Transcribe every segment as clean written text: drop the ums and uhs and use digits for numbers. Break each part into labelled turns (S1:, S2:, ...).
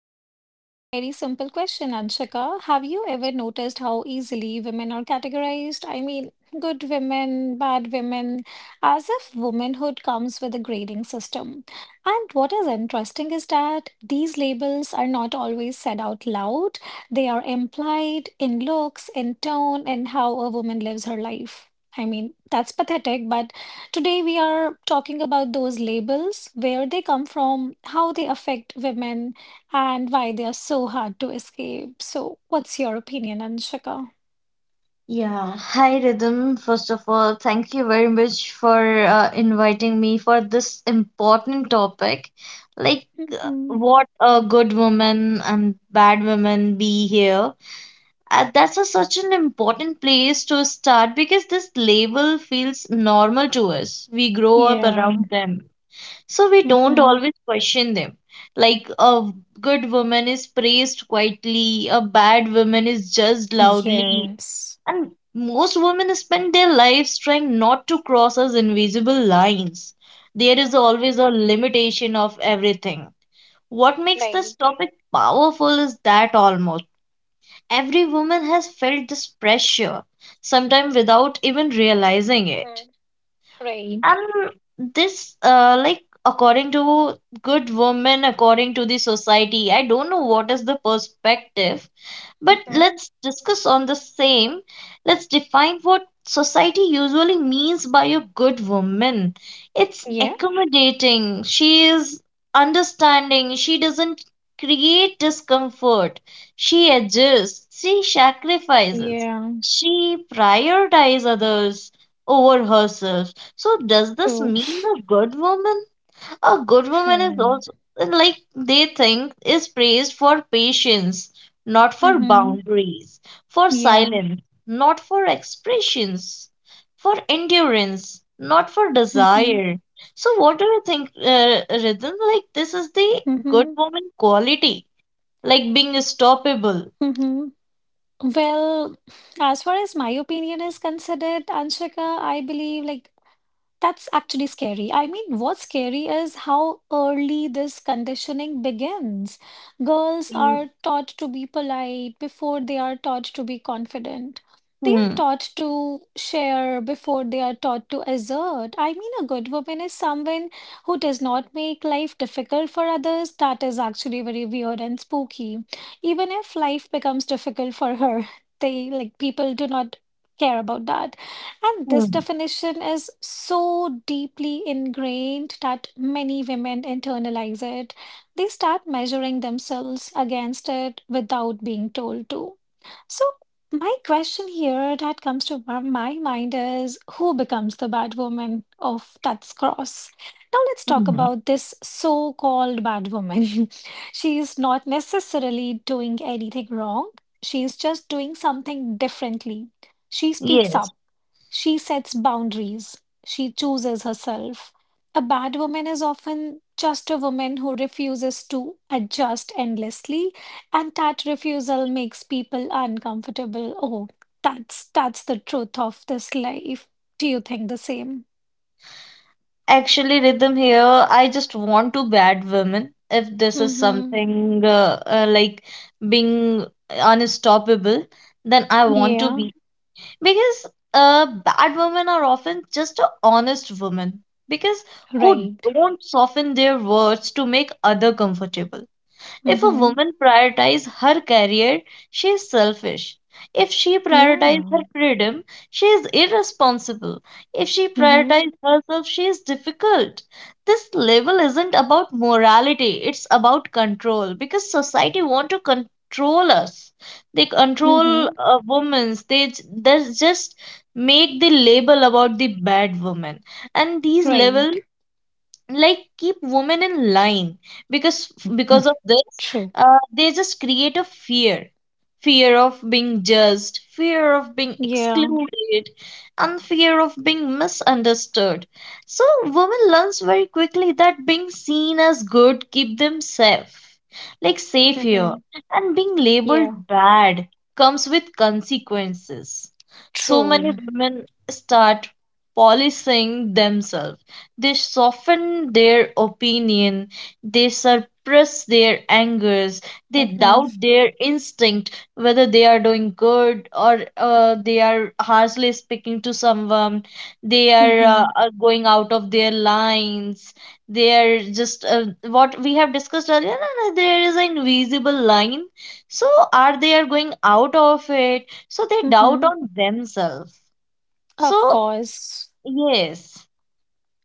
S1: conversation with a very simple question, Anshika. Have you ever noticed how easily women are categorized? I mean, good women, bad women, as if womanhood comes with a grading system. And what is interesting is that these labels are not always said out loud, they are implied in looks, in tone, and how a woman lives her life. I mean, that's pathetic, but today, we are talking about those labels, where they come from, how they affect women, and why they are so hard to escape. So, what's your opinion, Anshika?
S2: Yeah, hi Rhythm. First of all, thank you very much for inviting me for this important topic.
S1: Hmm.
S2: What a good woman and bad woman be here. That's such an important place to start because this label feels normal to us. We grow up
S1: Yeah.
S2: around them, so we don't
S1: Hmm.
S2: always question them. Like, a good woman is praised quietly, a bad woman is judged loudly
S1: Yes.
S2: and most women spend their lives trying not to cross those invisible lines. There is
S1: Hmm.
S2: always a limitation of everything. What makes this
S1: Right.
S2: topic powerful is that almost every woman has felt this pressure, sometimes without even realizing it.
S1: Hmm. Right.
S2: And according to good women, according to the society, I don't know what is the perspective but
S1: Hmm.
S2: let's discuss on the same. Let's define what society usually means by a good woman. It's
S1: Yeah.
S2: accommodating. She is understanding. She doesn't create discomfort. She adjusts. She sacrifices.
S1: Yeah.
S2: She prioritizes others over herself. So, does this
S1: True.
S2: mean a good woman? A good woman is also like they think is praised for patience, not for
S1: Mm-hmm.
S2: boundaries, for
S1: Yeah.
S2: silence, not for expressions, for endurance, not for
S1: Hmm.
S2: desire. So what do you think, Rhythm? Like this is the good
S1: Hmm.
S2: woman quality, like being stoppable.
S1: Hmm. Well, as far as my opinion is considered, Anshika, I believe, like, that's actually scary. I mean, what's scary is how early this conditioning begins. Girls
S2: Mm.
S1: are taught to be polite before they are taught to be confident. They are
S2: Hmm.
S1: taught to share before they are taught to assert. I mean, a good woman is someone who does not make life difficult for others. That is actually very weird and spooky. Even if life becomes difficult for her, they like people do not care about that. And this
S2: Hmm.
S1: definition is so deeply ingrained that many women internalize it. They start measuring themselves against it without being told to. So, my question here that comes to my mind is who becomes the bad woman of Tut's Cross? Now, let's talk
S2: Hmm.
S1: about this so called bad woman. She is not necessarily doing anything wrong, she is just doing something differently. She speaks
S2: Yes.
S1: up, she sets boundaries. She chooses herself. A bad woman is often just a woman who refuses to adjust endlessly, and that refusal makes people uncomfortable. Oh, that's the truth of this life. Do you think the same?
S2: Actually, Rhythm here, I just want to bad women if this is
S1: Mm-hmm.
S2: something like being unstoppable, then I want to
S1: Yeah,
S2: be. Because bad women are often just a honest woman because who
S1: right.
S2: don't soften their words to make other comfortable. If a
S1: Mm-hmm.
S2: woman prioritizes her career, she is selfish. If she prioritizes her
S1: Yeah.
S2: freedom, she is irresponsible. If she
S1: Mm-hmm.
S2: prioritizes herself, she is difficult. This label isn't about morality, it's about control because society want to control us. They control
S1: Mm-hmm.
S2: women. They just make the label about the bad woman. And these level
S1: Right.
S2: like keep women in line because of this
S1: True.
S2: they just create a fear fear of being judged fear of being
S1: Yeah.
S2: excluded and fear of being misunderstood so women learns very quickly that being seen as good keep them safe like safe here
S1: Mm-hmm.
S2: and being labeled
S1: Yeah.
S2: bad comes with consequences so many
S1: True.
S2: women start policing themselves they soften their opinion, they suppress their angers, they
S1: Mm-hmm.
S2: doubt their instinct whether they are doing good or they are harshly speaking to someone,
S1: Mm-hmm.
S2: are going out of their lines, they are just what we have discussed earlier, there is an invisible line. So, are they are going out of it? So, they doubt
S1: Mm-hmm.
S2: on themselves.
S1: Of
S2: So,
S1: course.
S2: yes.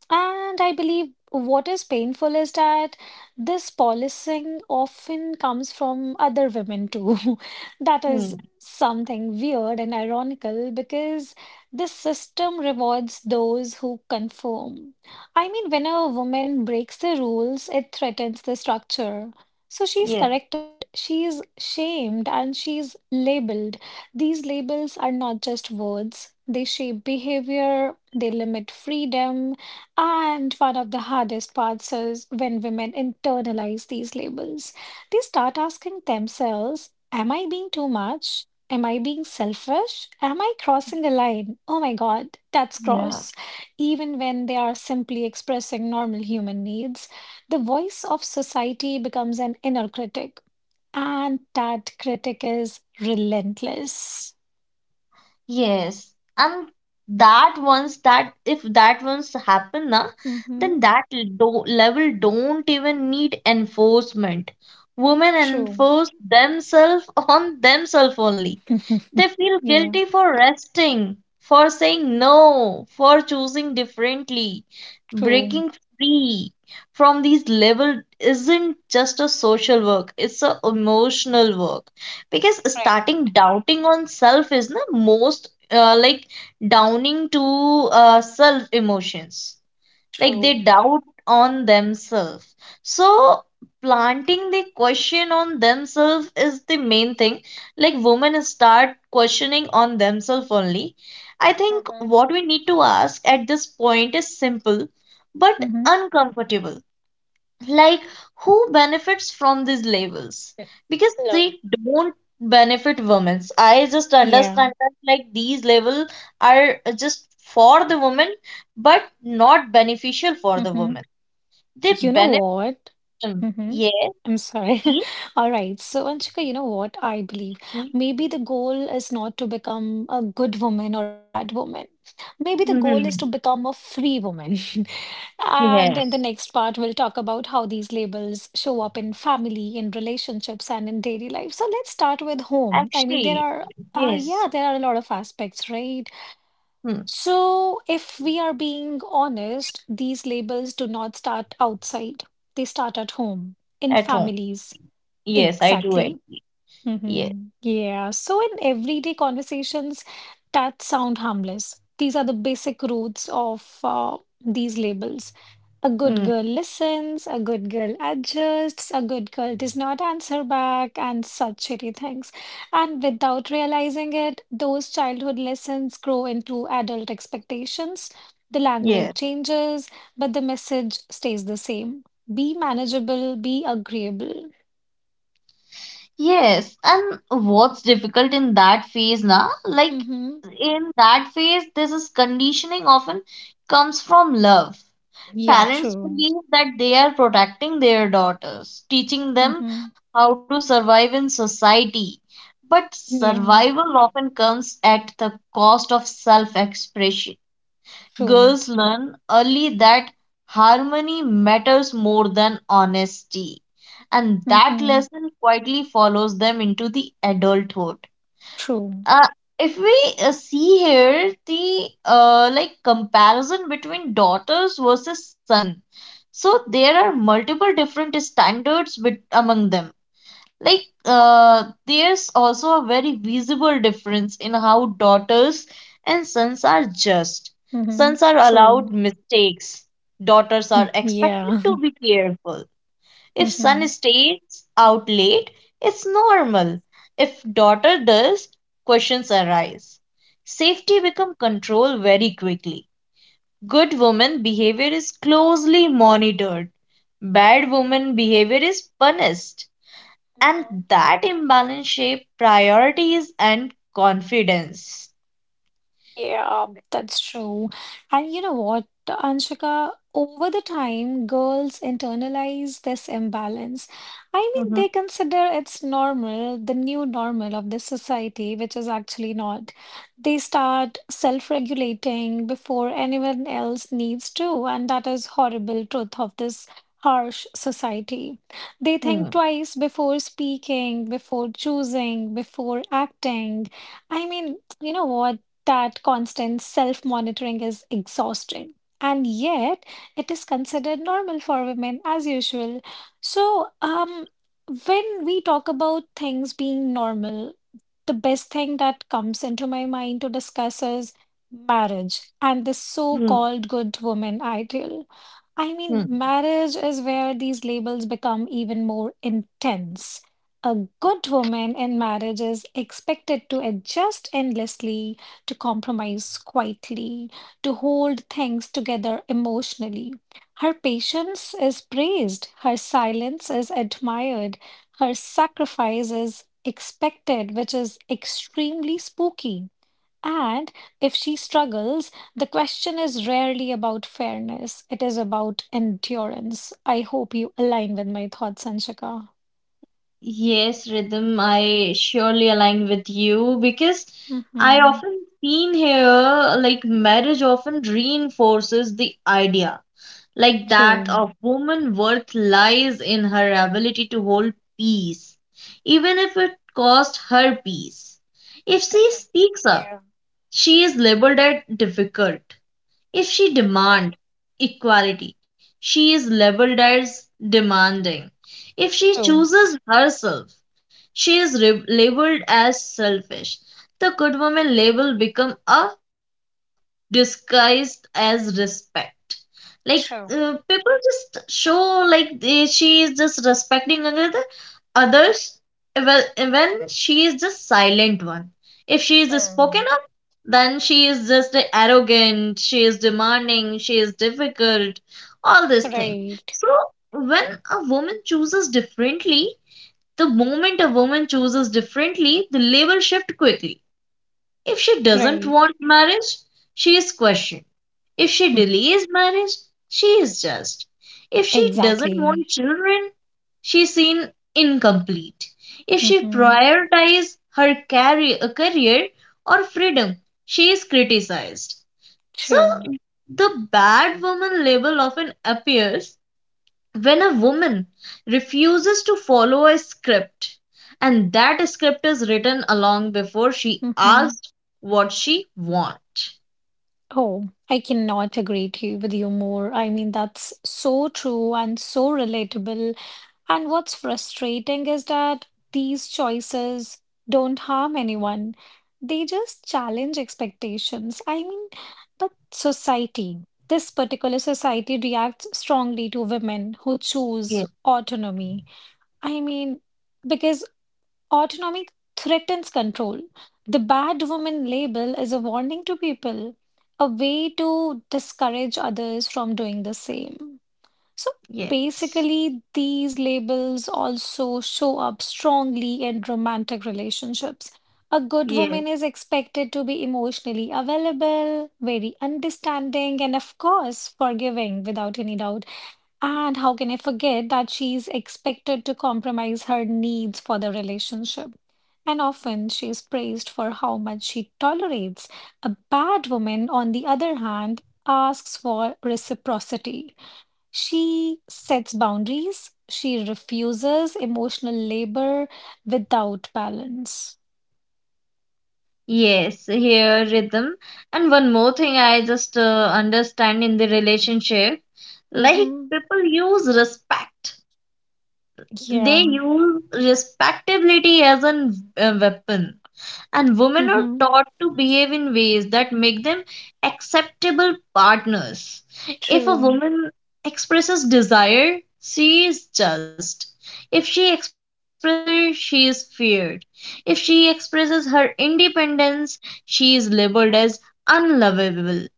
S1: And I believe what is painful is that this policing often comes from other women too. That
S2: Hmm.
S1: is something weird and ironical because this system rewards those who conform. I mean, when a woman breaks the rules, it threatens the structure. So she's
S2: Yeah.
S1: corrected, she's shamed, and she's labeled. These labels are not just words. They shape behavior, they limit freedom, and one of the hardest parts is when women internalize these labels. They start asking themselves, am I being too much? Am I being selfish? Am I crossing a line? Oh my God, that's
S2: Yeah.
S1: gross. Even when they are simply expressing normal human needs, the voice of society becomes an inner critic, and that critic is relentless.
S2: Yes, and that once that if that once happen na, then
S1: Hmm.
S2: do level don't even need enforcement. Women
S1: True.
S2: enforce themselves on themselves only. They feel
S1: Yeah,
S2: guilty for resting, for saying no, for choosing differently.
S1: true.
S2: Breaking free from these levels isn't just a social work, it's a emotional work. Because
S1: Right.
S2: starting doubting on self is the most downing to self emotions like they
S1: True.
S2: doubt on themselves so planting the question on themselves is the main thing like women start questioning on themselves only I think
S1: Mm-hmm.
S2: what we need to ask at this point is simple but
S1: Mm-hmm.
S2: uncomfortable like who benefits from these labels because they
S1: Hello.
S2: don't benefit women I just
S1: Yeah.
S2: understand that like these labels are just for the woman but not beneficial for the
S1: Mm-hmm.
S2: woman they
S1: You know
S2: benefit
S1: what?
S2: them
S1: Mm-hmm.
S2: yeah
S1: I'm sorry.
S2: yes.
S1: All right. So, Anshika, you know what? I believe maybe the goal is not to become a good woman or a bad woman. Maybe the goal is to
S2: Mhm.
S1: become a free woman. And
S2: Yeah,
S1: in the next part, we'll talk about how these labels show up in family, in relationships, and in daily life. So, let's start with home. I mean, there
S2: actually
S1: are,
S2: yes.
S1: yeah, there are a lot of aspects, right?
S2: Hmm.
S1: So, if we are being honest, these labels do not start outside. They start at home, in
S2: At home,
S1: families.
S2: yes I do it.
S1: Exactly.
S2: Yes.
S1: Mm-hmm. Yeah. So in everyday conversations, that sound harmless. These are the basic roots of these labels. A good
S2: Mm.
S1: girl listens, a good girl adjusts, a good girl does not answer back, and such shitty things. And without realizing it, those childhood lessons grow into adult expectations. The
S2: Yes.
S1: language changes, but the message stays the same. Be manageable, be agreeable.
S2: Yes, and what's difficult in that phase now? Like
S1: Mm-hmm.
S2: in that phase, this is conditioning often comes from love.
S1: Yeah,
S2: Parents
S1: true.
S2: believe that they are protecting their daughters, teaching them
S1: Mm-hmm.
S2: how to survive in society. But
S1: Yeah,
S2: survival often comes at the cost of self-expression
S1: true.
S2: girls learn early that harmony matters more than honesty. And that
S1: Mm-hmm.
S2: lesson quietly follows them into the adulthood.
S1: True.
S2: Uh, if we see here the comparison between daughters versus son, so there are multiple different standards bet among them like, there's also a very visible difference in how daughters and sons are judged.
S1: Mm-hmm.
S2: Sons are
S1: True.
S2: allowed mistakes, daughters are expected
S1: Yeah.
S2: to be careful. If son stays out late, it's normal. If daughter does, questions arise.
S1: Mm-hmm.
S2: Safety become control very quickly. Good woman behavior is closely monitored. Bad woman behavior is punished. And that imbalance shape priorities and confidence.
S1: Yeah, that's true. And you know what, Anshika, over the time, girls internalize this imbalance. I mean, they
S2: Mhm.
S1: consider it's normal, the new normal of this society, which is actually not. They start self-regulating before anyone else needs to, and that is horrible truth of this harsh society. They think
S2: Hmm.
S1: twice before speaking, before choosing, before acting. I mean, you know what? That constant self monitoring is exhausting. And yet, it is considered normal for women as usual. So, when we talk about things being normal, the best thing that comes into my mind to discuss is marriage and the so
S2: Hmm.
S1: called good woman ideal. I mean,
S2: Hmm.
S1: marriage is where these labels become even more intense. A good woman in marriage is expected to adjust endlessly, to compromise quietly, to hold things together emotionally. Her patience is praised, her silence is admired, her sacrifice is expected, which is extremely spooky. And if she struggles, the question is rarely about fairness, it is about endurance. I hope you align with my thoughts, Anshika.
S2: Yes, Rhythm, I surely align with you because I
S1: Mm-hmm.
S2: often seen here like marriage often reinforces the idea like that
S1: True.
S2: of woman worth lies in her ability to hold peace, even if it cost her peace. If she
S1: Perfect.
S2: speaks up,
S1: Yeah.
S2: she is labeled as difficult. If she
S1: Perfect.
S2: demand equality, she is labeled as demanding. If she
S1: True.
S2: chooses herself, she is labeled as selfish. The good woman label become a cage disguised as respect. Like
S1: True.
S2: people just show like they, she is just respecting other others well when she is the silent one. If she is the spoken
S1: Hmm.
S2: then she is just arrogant she is demanding she is difficult all this thing
S1: Right,
S2: so when a woman chooses differently the moment a woman chooses differently the label shift quickly if she doesn't
S1: right.
S2: want marriage she is questioned if she delays marriage, she is just. If she doesn't want
S1: Exactly.
S2: children, she's seen incomplete. If she
S1: Mm-hmm.
S2: prioritizes her career or freedom, she is criticized. So,
S1: True.
S2: the bad woman label often appears when a woman refuses to follow a script, and that script is written along before she
S1: Mm-hmm.
S2: asks what she wants.
S1: Oh, I cannot agree to you with you more. I mean, that's so true and so relatable. And what's frustrating is that these choices don't harm anyone. They just challenge expectations. I mean, but society, this particular society reacts strongly to women who
S2: Yeah,
S1: choose autonomy. I mean, because autonomy threatens control. The bad woman label is a warning to people, a way to discourage others from doing the same. So
S2: yeah,
S1: basically, these labels also show up strongly in romantic relationships. A good
S2: yeah.
S1: woman is expected to be emotionally available, very understanding, and of course, forgiving without any doubt. And how can I forget that she's expected to compromise her needs for the relationship? And often she is praised for how much she tolerates. A bad woman, on the other hand, asks for reciprocity. She sets boundaries, she refuses emotional labor without balance.
S2: Yes, here rhythm. And one more thing I just understand in the relationship, like
S1: Mm-hmm.
S2: people use respect. They
S1: Yeah.
S2: use respectability as a weapon and women are
S1: Mm-hmm.
S2: taught to behave in ways that make them acceptable partners. If a
S1: True.
S2: woman expresses desire, she is just. If she expresses anger, she is feared. If she expresses her independence, she is labeled
S1: Mm.
S2: as unlovable.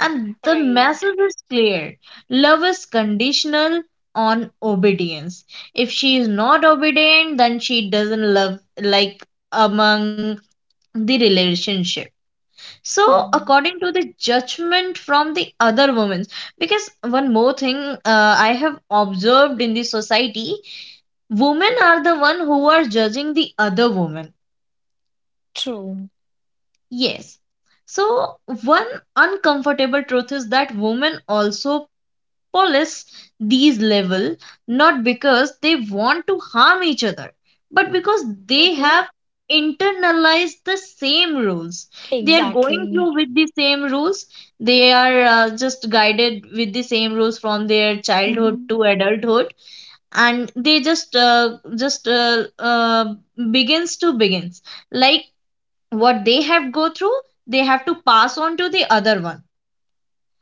S2: And the
S1: Right.
S2: message is clear love is conditional on obedience. If she is not obedient, then she doesn't love like among the relationship so
S1: Hmm.
S2: according to the judgment from the other women because one more thing I have observed in the society women are the one who are judging the other woman
S1: True.
S2: yes so one uncomfortable truth is that women also police these level not because they want to harm each other but because they
S1: Mm-hmm.
S2: have internalized the same rules they are going through
S1: Exactly.
S2: with the same rules they are just guided with the same rules from their childhood
S1: Mm-hmm.
S2: to adulthood and they just begins like what they have go through they have to pass on to the other one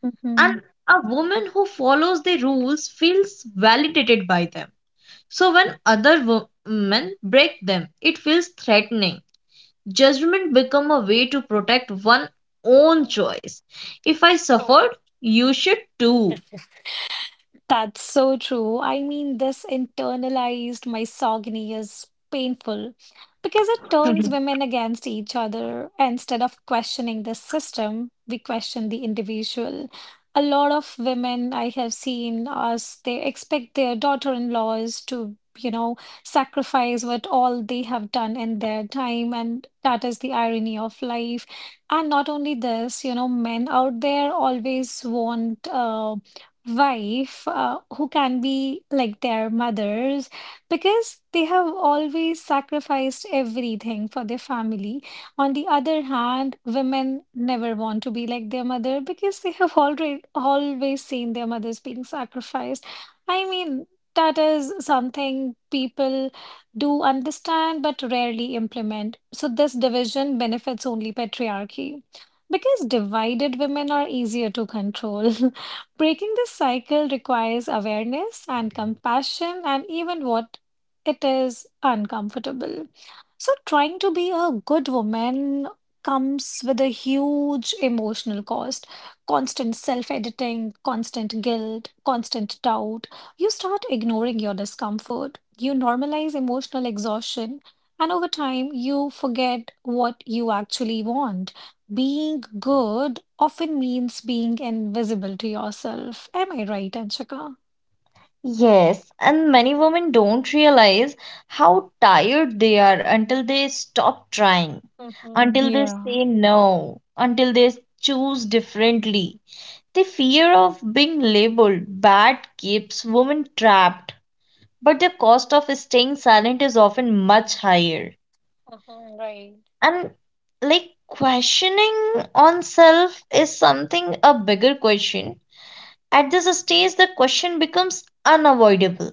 S1: Mhm.
S2: and a woman who follows the rules feels validated by them. So when women break them, it feels threatening. Judgment become a way to protect one own
S1: Mhm.
S2: choice. If I
S1: So
S2: suffered, you should too.
S1: that's so true. I mean, this internalized misogyny is painful because it
S2: Mhm.
S1: turns women against each other. Instead of questioning the system, we question the individual. A lot of women I have seen us, they expect their daughter-in-laws to, you know, sacrifice what all they have done in their time, and that is the irony of life. And not only this, you know, men out there always want wife who can be like their mothers because they have always sacrificed everything for their family. On the other hand, women never want to be like their mother because they have already always seen their mothers being sacrificed. I mean, that is something people do understand but rarely implement. So this division benefits only patriarchy because divided women are easier to control. Breaking this cycle requires awareness and compassion, and even what it is uncomfortable. So, trying to be a good woman comes with a huge emotional cost constant self editing, constant guilt, constant doubt. You start ignoring your discomfort, you normalize emotional exhaustion, and over time, you forget what you actually want. Being good often means being invisible to yourself. Am I right, Anshika?
S2: Yes, and many women don't realize how tired they are until they stop trying,
S1: Mm-hmm.
S2: until they
S1: Yeah.
S2: say no, until they choose differently. The fear of being labeled bad keeps women trapped, but the cost of staying silent is often much higher.
S1: Mm-hmm. Right.
S2: And like questioning on self is something a bigger question. At this stage, the question becomes unavoidable.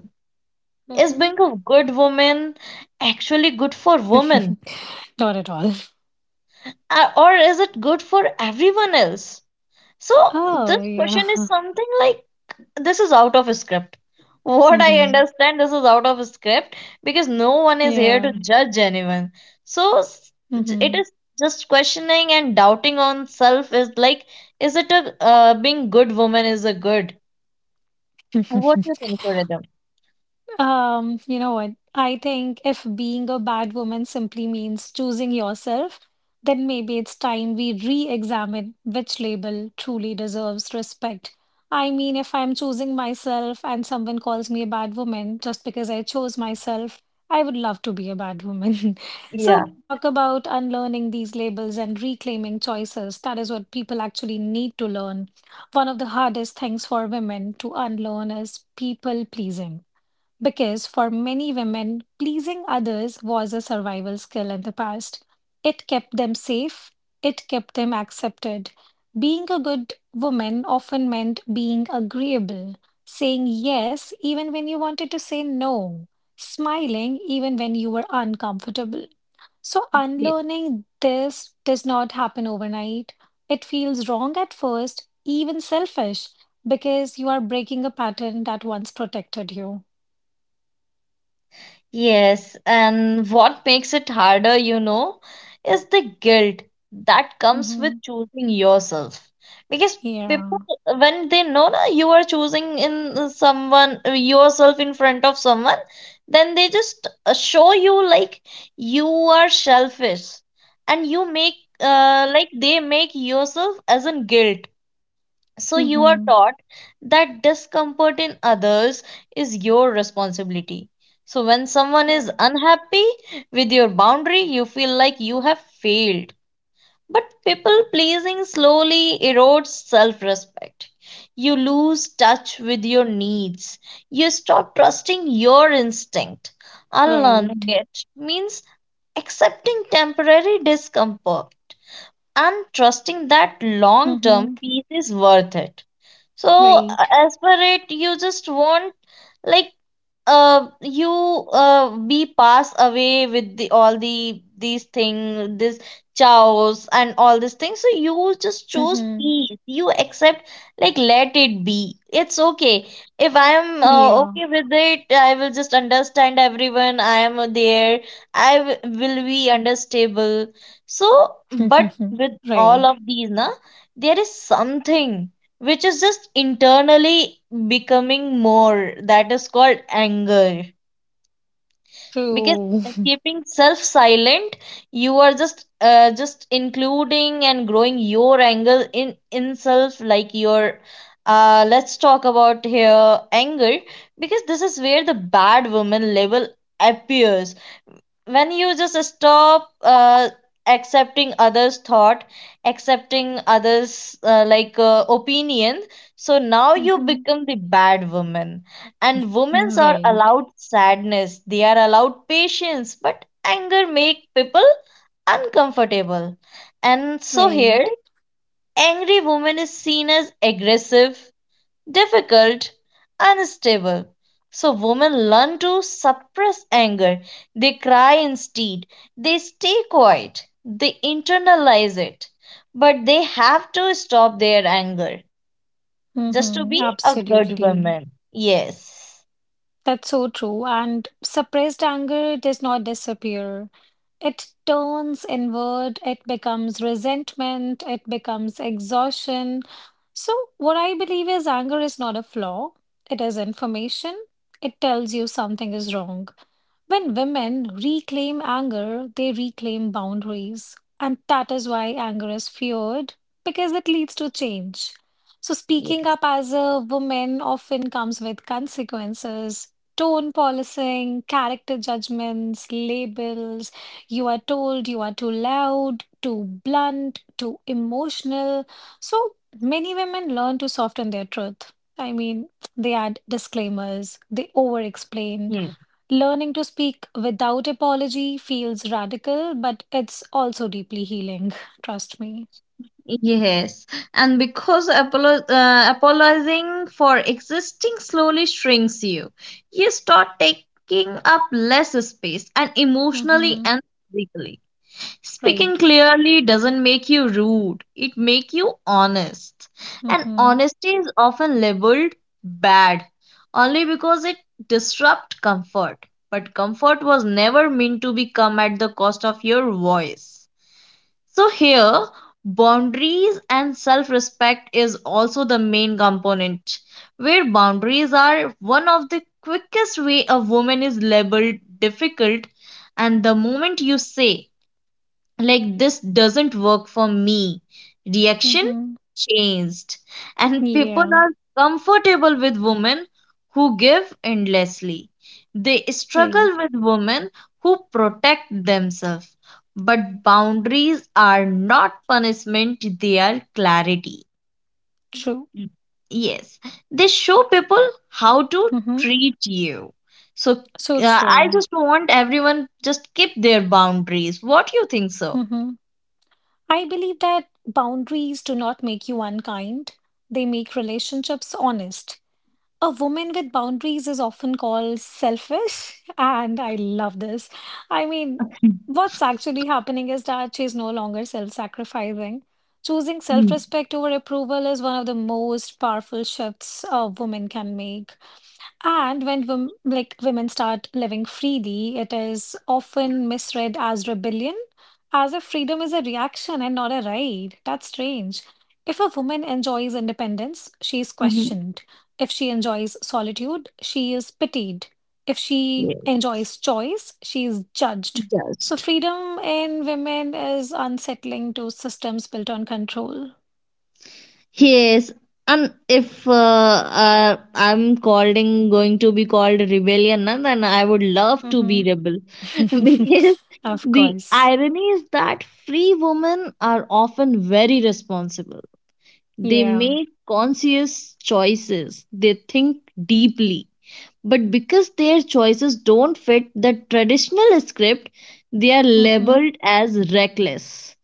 S2: Is
S1: Mm-hmm.
S2: being a good woman actually good for women?
S1: Not at all.
S2: Or is it good for everyone else? So,
S1: Oh,
S2: this
S1: yeah.
S2: question is something like this is out of script. What I
S1: Hmm.
S2: understand, this is out of script because no one is here
S1: Yeah.
S2: to judge anyone. So it
S1: Hmm.
S2: is just questioning and doubting on self is like, is it a being good woman is a good? What do you think, Suridham?
S1: You know what? I think if being a bad woman simply means choosing yourself, then maybe it's time we re-examine which label truly deserves respect. I mean, if I'm choosing myself and someone calls me a bad woman just because I chose myself, I would love to be a bad woman. So
S2: Yeah.
S1: we'll talk about unlearning these labels and reclaiming choices. That is what people actually need to learn. One of the hardest things for women to unlearn is people pleasing. Because for many women, pleasing others was a survival skill in the past. It kept them safe, it kept them accepted. Being a good woman often meant being agreeable, saying yes even when you wanted to say no, smiling even when you were uncomfortable. So, unlearning this does not happen overnight. It feels wrong at first, even selfish, because you are breaking a pattern that once protected you.
S2: Yes, and what makes it harder, you know, is the guilt that comes with
S1: Mhm.
S2: choosing yourself. Because people,
S1: Yeah.
S2: when they know that you are choosing in someone, yourself in front of someone, then they just show you like you are selfish, and you make
S1: True.
S2: they make yourself as in guilt so you are
S1: Mm-hmm.
S2: taught that discomfort in others is your responsibility. So when someone is
S1: True.
S2: unhappy with your boundary, you feel like you have failed. But people pleasing slowly erodes self respect. You lose touch with your needs. You stop trusting your instinct. Unlearning
S1: Right.
S2: it means accepting temporary discomfort and trusting that long term
S1: Mm-hmm.
S2: peace is worth it. So,
S1: Right.
S2: as per it, you just want like you we pass away with the all the these thing this chows and all these things, so you just choose
S1: Mm-hmm.
S2: peace, you accept, like, let it be, it's okay. If I am
S1: Yeah.
S2: okay with it, I will just understand everyone, I am there. Will be understable. So but
S1: Mm-hmm.
S2: with all of
S1: Right.
S2: these na, there is something which is just internally becoming more, that is called anger. Because
S1: True.
S2: keeping self silent, you are just including and growing your anger in self, like your let's talk about here anger, because this is where the bad woman level appears, when you just stop accepting others thought, accepting others opinion. So now you
S1: Mm-hmm.
S2: become the bad woman. And women are
S1: Right.
S2: allowed sadness, they are allowed patience, but anger make people uncomfortable. And so here
S1: Right.
S2: angry woman is seen as aggressive, difficult, unstable. So women learn to suppress anger. They cry instead. They stay quiet. They internalize it. But they have to stop their anger just to
S1: Mm-hmm.
S2: be a good
S1: Absolutely.
S2: woman. Yes.
S1: That's so true. And suppressed anger does not disappear. It turns inward, it becomes resentment, it becomes exhaustion. So, what I believe is anger is not a flaw, it is information. It tells you something is wrong. When women reclaim anger, they reclaim boundaries. And that is why anger is feared, because it leads to change. So, speaking up
S2: Yes.
S1: as a woman often comes with consequences tone policing, character judgments, labels. You are told you are too loud, too blunt, too emotional. So many women learn to soften their truth. I mean, they add disclaimers, they over explain.
S2: Yes,
S1: Learning to speak without apology feels radical, but it's also deeply healing. Trust me.
S2: yes. And because apologizing for existing slowly shrinks you, you start taking up less space, and emotionally
S1: Mm-hmm.
S2: and physically. Speaking
S1: Right.
S2: clearly doesn't make you rude, it makes you honest. And
S1: Mm-hmm.
S2: honesty is often labeled bad only because it disrupts comfort. But comfort was never meant to be come at the cost of your voice. So here, boundaries and self-respect is also the main component, where boundaries are one of the quickest way a woman is labeled difficult, and the moment you say, like, this doesn't work for me, reaction
S1: Mm-hmm.
S2: changed and people
S1: Yeah.
S2: are comfortable with women who give endlessly, they
S1: Right.
S2: struggle with women who protect themselves. But boundaries are not punishment, they are clarity,
S1: True.
S2: yes, they show people how to
S1: Mm-hmm.
S2: treat you. So
S1: So
S2: I
S1: true.
S2: just want everyone just keep their boundaries, what you think. So
S1: Mhm. I believe that boundaries do not make you unkind, they make relationships honest. A woman with boundaries is often called selfish, and I love this. I mean, what's actually happening is that she's no longer self-sacrificing. Choosing self-respect over approval is one of the most powerful shifts a woman can make. And when women start living freely, it is often misread as rebellion, as if freedom is a reaction and not a right. That's strange. If a woman enjoys independence, she is
S2: hmm.
S1: questioned. If she enjoys solitude, she is pitied. If she
S2: Yeah.
S1: enjoys choice, she is judged. So
S2: Just.
S1: freedom in women is unsettling to systems built on control.
S2: Yes. And if uh, I'm calling going to be called rebellion, na, then I would love to
S1: Hmm.
S2: be rebel. Because
S1: Of
S2: the
S1: course.
S2: irony is that free women are often very responsible. They
S1: Yeah.
S2: make conscious choices. They think deeply. But because their choices don't fit the traditional script, they are
S1: Hmm.
S2: labeled as reckless.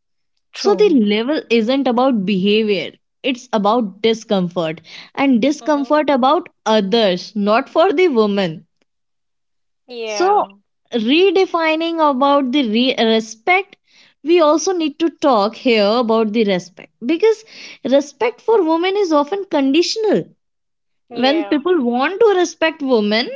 S2: So the
S1: True.
S2: level isn't about behavior, it's about discomfort, and
S1: Mm-hmm.
S2: discomfort about others, not for the woman. So
S1: Yeah.
S2: redefining about the respect, we also need to talk here about the respect, because respect for women is often conditional. When
S1: Yeah.
S2: people want to respect women,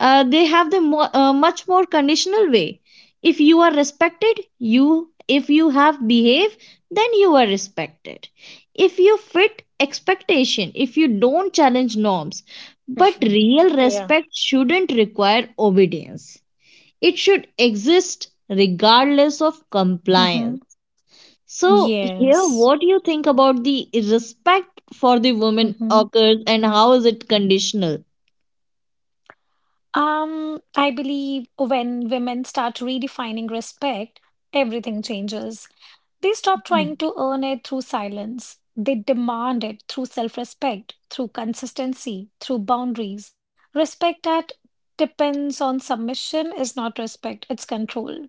S2: they have the much more conditional way. If you are respected, you, if you have behave, then you are respected. If you fit expectation, if you don't challenge norms. But
S1: Mhm.
S2: real
S1: Yeah.
S2: respect shouldn't require obedience, it should exist regardless of
S1: Mm-hmm.
S2: compliance. So here,
S1: Yes.
S2: what do you think about the respect for the woman
S1: Mm-hmm.
S2: occurs and how is it conditional?
S1: I believe when women start redefining respect, everything changes. They stop trying to earn it through silence. They demand it through self respect, through consistency, through boundaries. Respect that depends on submission is not respect, it's control.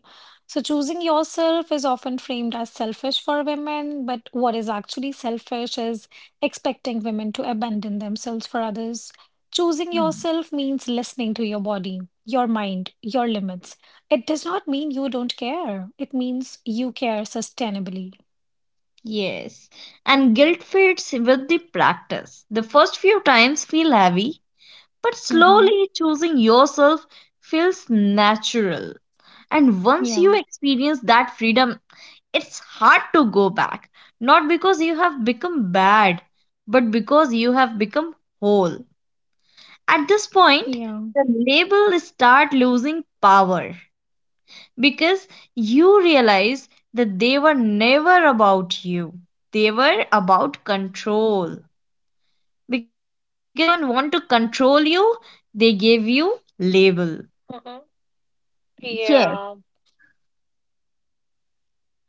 S1: So, choosing yourself is often framed as selfish for women, but what is actually selfish is expecting women to abandon themselves for others. Choosing
S2: Mhm.
S1: yourself means listening to your body, your mind, your limits. It does not mean you don't care. It means you care sustainably.
S2: Yes, and guilt fades with the practice. The first few times feel heavy, but
S1: Mm-hmm.
S2: slowly choosing yourself feels natural. And once
S1: Yeah.
S2: you experience that freedom, it's hard to go back. Not because you have become bad, but because you have become whole. At this point,
S1: Yeah.
S2: the label start losing power, because you realize that they were never about you. They were about control. Because if anyone want to control you, they give you label.
S1: Mm-hmm.
S2: Yes.
S1: Yeah.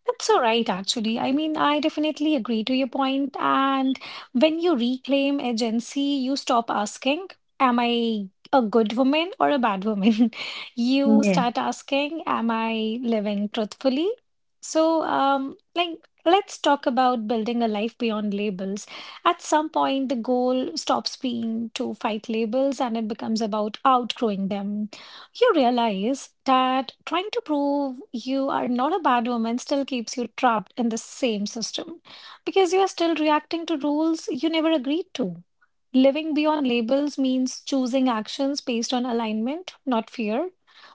S1: That's all right, actually. I mean, I definitely agree to your point. And when you reclaim agency, you stop asking, "Am I a good woman or a bad woman?" You
S2: Yes.
S1: start asking, "Am I living truthfully?" So, like, let's talk about building a life beyond labels. At some point, the goal stops being to fight labels and it becomes about outgrowing them. You realize that trying to prove you are not a bad woman still keeps you trapped in the same system because you are still reacting to rules you never agreed to. Living beyond labels means choosing actions based on alignment, not fear.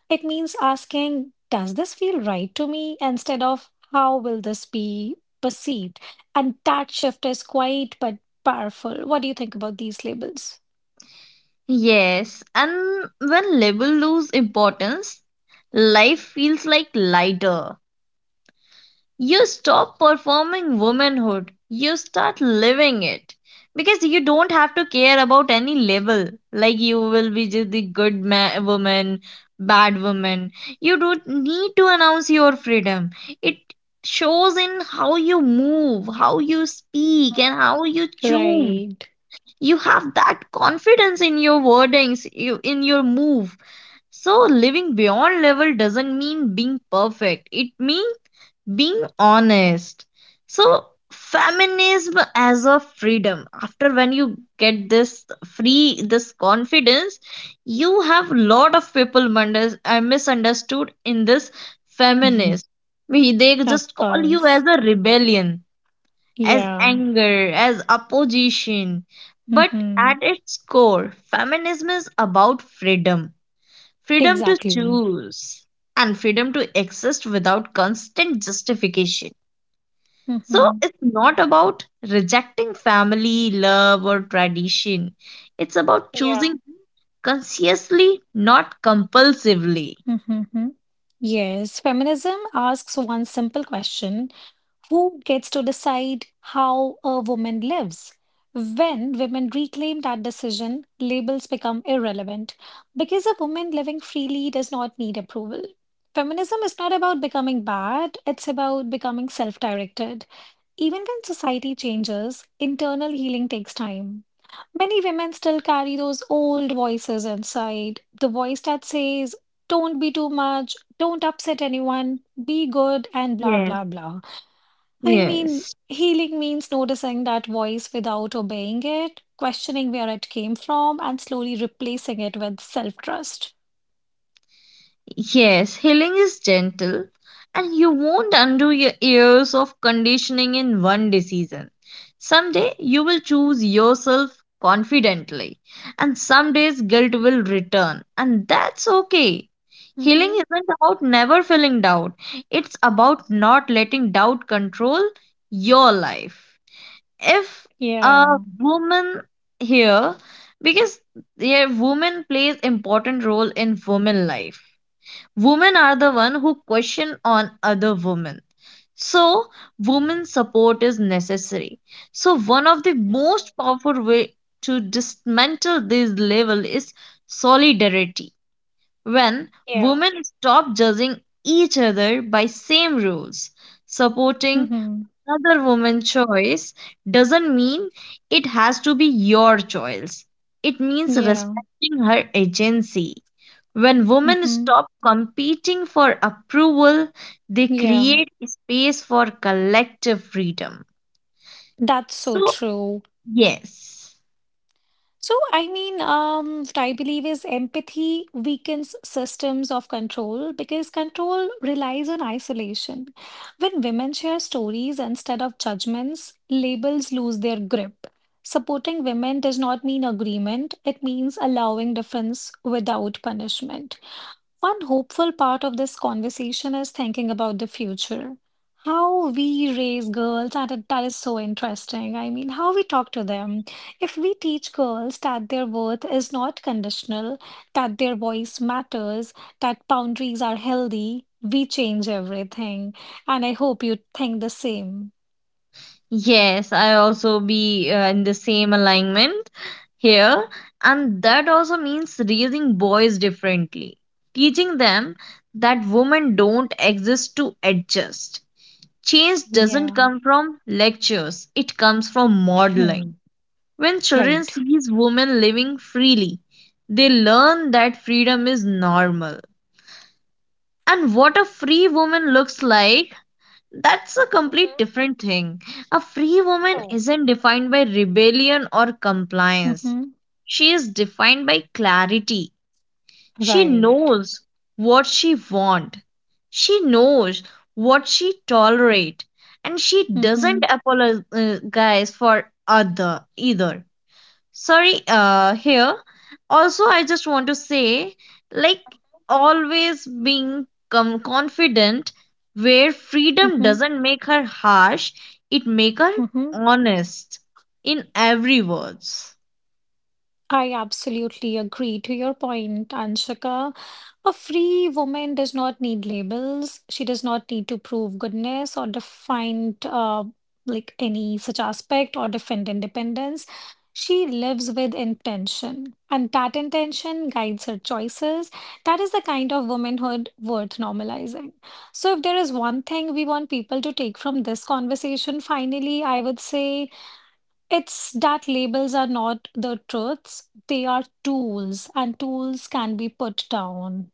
S1: It means asking, "Does this feel right to me?" instead of, "How will this be perceived?" And that shift is quite but powerful. What do you think about these labels?
S2: Yes. And when label lose importance, life feels like lighter. You stop performing womanhood, you start living it, because you don't have to care about any label. Like you will be just the woman, bad woman. You don't need to announce your freedom, it shows in how you move, how you speak, and
S1: Mhm.
S2: how you choose.
S1: Right.
S2: You have that confidence in your wordings, you, in your move. So living beyond level doesn't mean being perfect, it means being honest. So, feminism as a freedom. After when you get this free, this confidence, you have lot of people misunderstood in this feminist. They
S1: Of
S2: just call you as
S1: course.
S2: a rebellion, as
S1: Yeah.
S2: anger, as opposition. But
S1: Mm-hmm.
S2: at its core, feminism is about freedom, freedom to
S1: Exactly.
S2: choose, and freedom to exist without constant justification. So
S1: Mm-hmm.
S2: it's not about rejecting family, love, or tradition. It's about
S1: Yeah.
S2: choosing consciously, not compulsively.
S1: Mm-hmm. Yes. Feminism asks one simple question: who gets to decide how a woman lives? When women reclaim that decision, labels become irrelevant because a woman living freely does not need approval. Feminism is not about becoming bad, it's about becoming self-directed. Even when society changes, internal healing takes time. Many women still carry those old voices inside. The voice that says, don't be too much, don't upset anyone, be good, and blah,
S2: Yes.
S1: blah, blah. I
S2: Yes.
S1: mean, healing means noticing that voice without obeying it, questioning where it came from, and slowly replacing it with self-trust.
S2: Yes, healing is gentle, and you won't undo your years of conditioning in one decision. Someday you will choose yourself confidently, and some days guilt will return, and that's okay. Healing
S1: Mm-hmm.
S2: isn't about never feeling doubt, it's about not letting doubt control your life. If a
S1: Yeah.
S2: woman here, because yeah, woman plays important role in woman life. Women are the one who question on other women. So women support is necessary. So one of the
S1: Mm-hmm.
S2: most powerful way to dismantle this level is solidarity. When
S1: Yeah.
S2: women stop judging each other by same rules, supporting
S1: Mm-hmm.
S2: another woman's choice doesn't mean it has to be your choice, it means
S1: Yeah.
S2: respecting her agency. When women
S1: Mm-hmm.
S2: stop competing for approval, they
S1: Yeah.
S2: create space for collective freedom.
S1: That's so
S2: So,
S1: true.
S2: yes,
S1: So, I mean, what I believe is empathy weakens systems of control because control relies on isolation. When women share stories instead of judgments, labels lose their grip. Supporting women does not mean agreement, it means allowing difference without punishment. One hopeful part of this conversation is thinking about the future. How we raise girls, and that is so interesting. I mean, how we talk to them. If we teach girls that their worth is not conditional, that their voice matters, that boundaries are healthy, we change everything. And I hope you think the same.
S2: yes, I also be in the same alignment here. And that also means raising boys differently, teaching them that women don't exist to adjust. Change doesn't
S1: Yeah.
S2: come from lectures, it comes from
S1: Hmm.
S2: modeling. When children
S1: Right.
S2: sees women living freely, they learn that freedom is normal. And what a free woman looks like, that's a complete
S1: Mm-hmm.
S2: different thing. A free woman
S1: Oh.
S2: isn't defined by rebellion or compliance.
S1: Mm-hmm.
S2: She is defined by clarity. She
S1: Right.
S2: knows what she wants. She knows what she tolerates. And she
S1: Mm-hmm.
S2: doesn't apologize for other either. Sorry, here also I just want to say, like, always being confident, where freedom
S1: Mm-hmm.
S2: doesn't make her harsh, it make her
S1: Mm-hmm.
S2: honest in every words.
S1: I absolutely agree to your point, Anshika. A free woman does not need labels. She does not need to prove goodness or define like any such aspect or defend independence. She lives with intention, and that intention guides her choices. That is the kind of womanhood worth normalizing. So, if there is one thing we want people to take from this conversation, finally, I would say. It's that labels are not the truths, they are tools, and tools can be put down.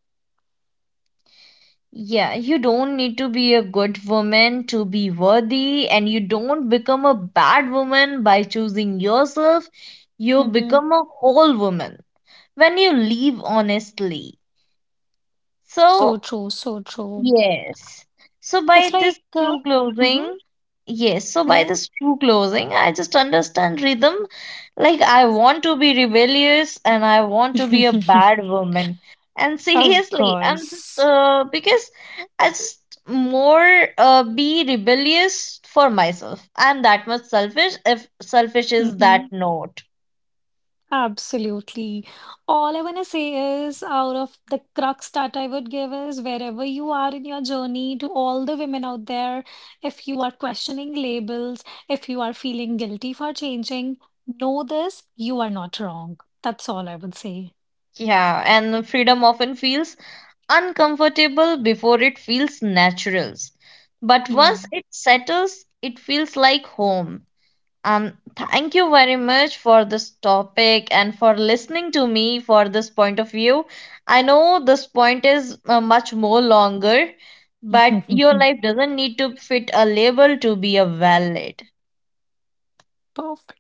S2: Yeah, you don't need to be a good woman to be worthy, and you don't become a bad woman by choosing yourself. You
S1: Hmm.
S2: become a whole woman when you live honestly.
S1: So
S2: So
S1: true, so true.
S2: yes. So by
S1: It's
S2: this
S1: like,
S2: true
S1: mhm,
S2: closing, yes. So by
S1: yeah,
S2: this true closing, I just understand rhythm. Like I want to be rebellious and I want to be a bad woman. And
S1: of
S2: seriously, I'm just
S1: course.
S2: because I just more be rebellious for myself. I'm that much selfish, if selfish is
S1: Hmm.
S2: that note.
S1: Absolutely. All I want to say is, out of the crux that I would give is wherever you are in your journey, to all the women out there, if you are questioning labels, if you are feeling guilty for changing, know this, you are not wrong. That's all I would say.
S2: Yeah, and freedom often feels uncomfortable before it feels natural. But
S1: Yeah.
S2: once it settles, it feels like home. Thank you very much for this topic and for listening to me for this point of view. I know this point is much more longer, but your life doesn't need to fit a label to be a valid.
S1: Perfect.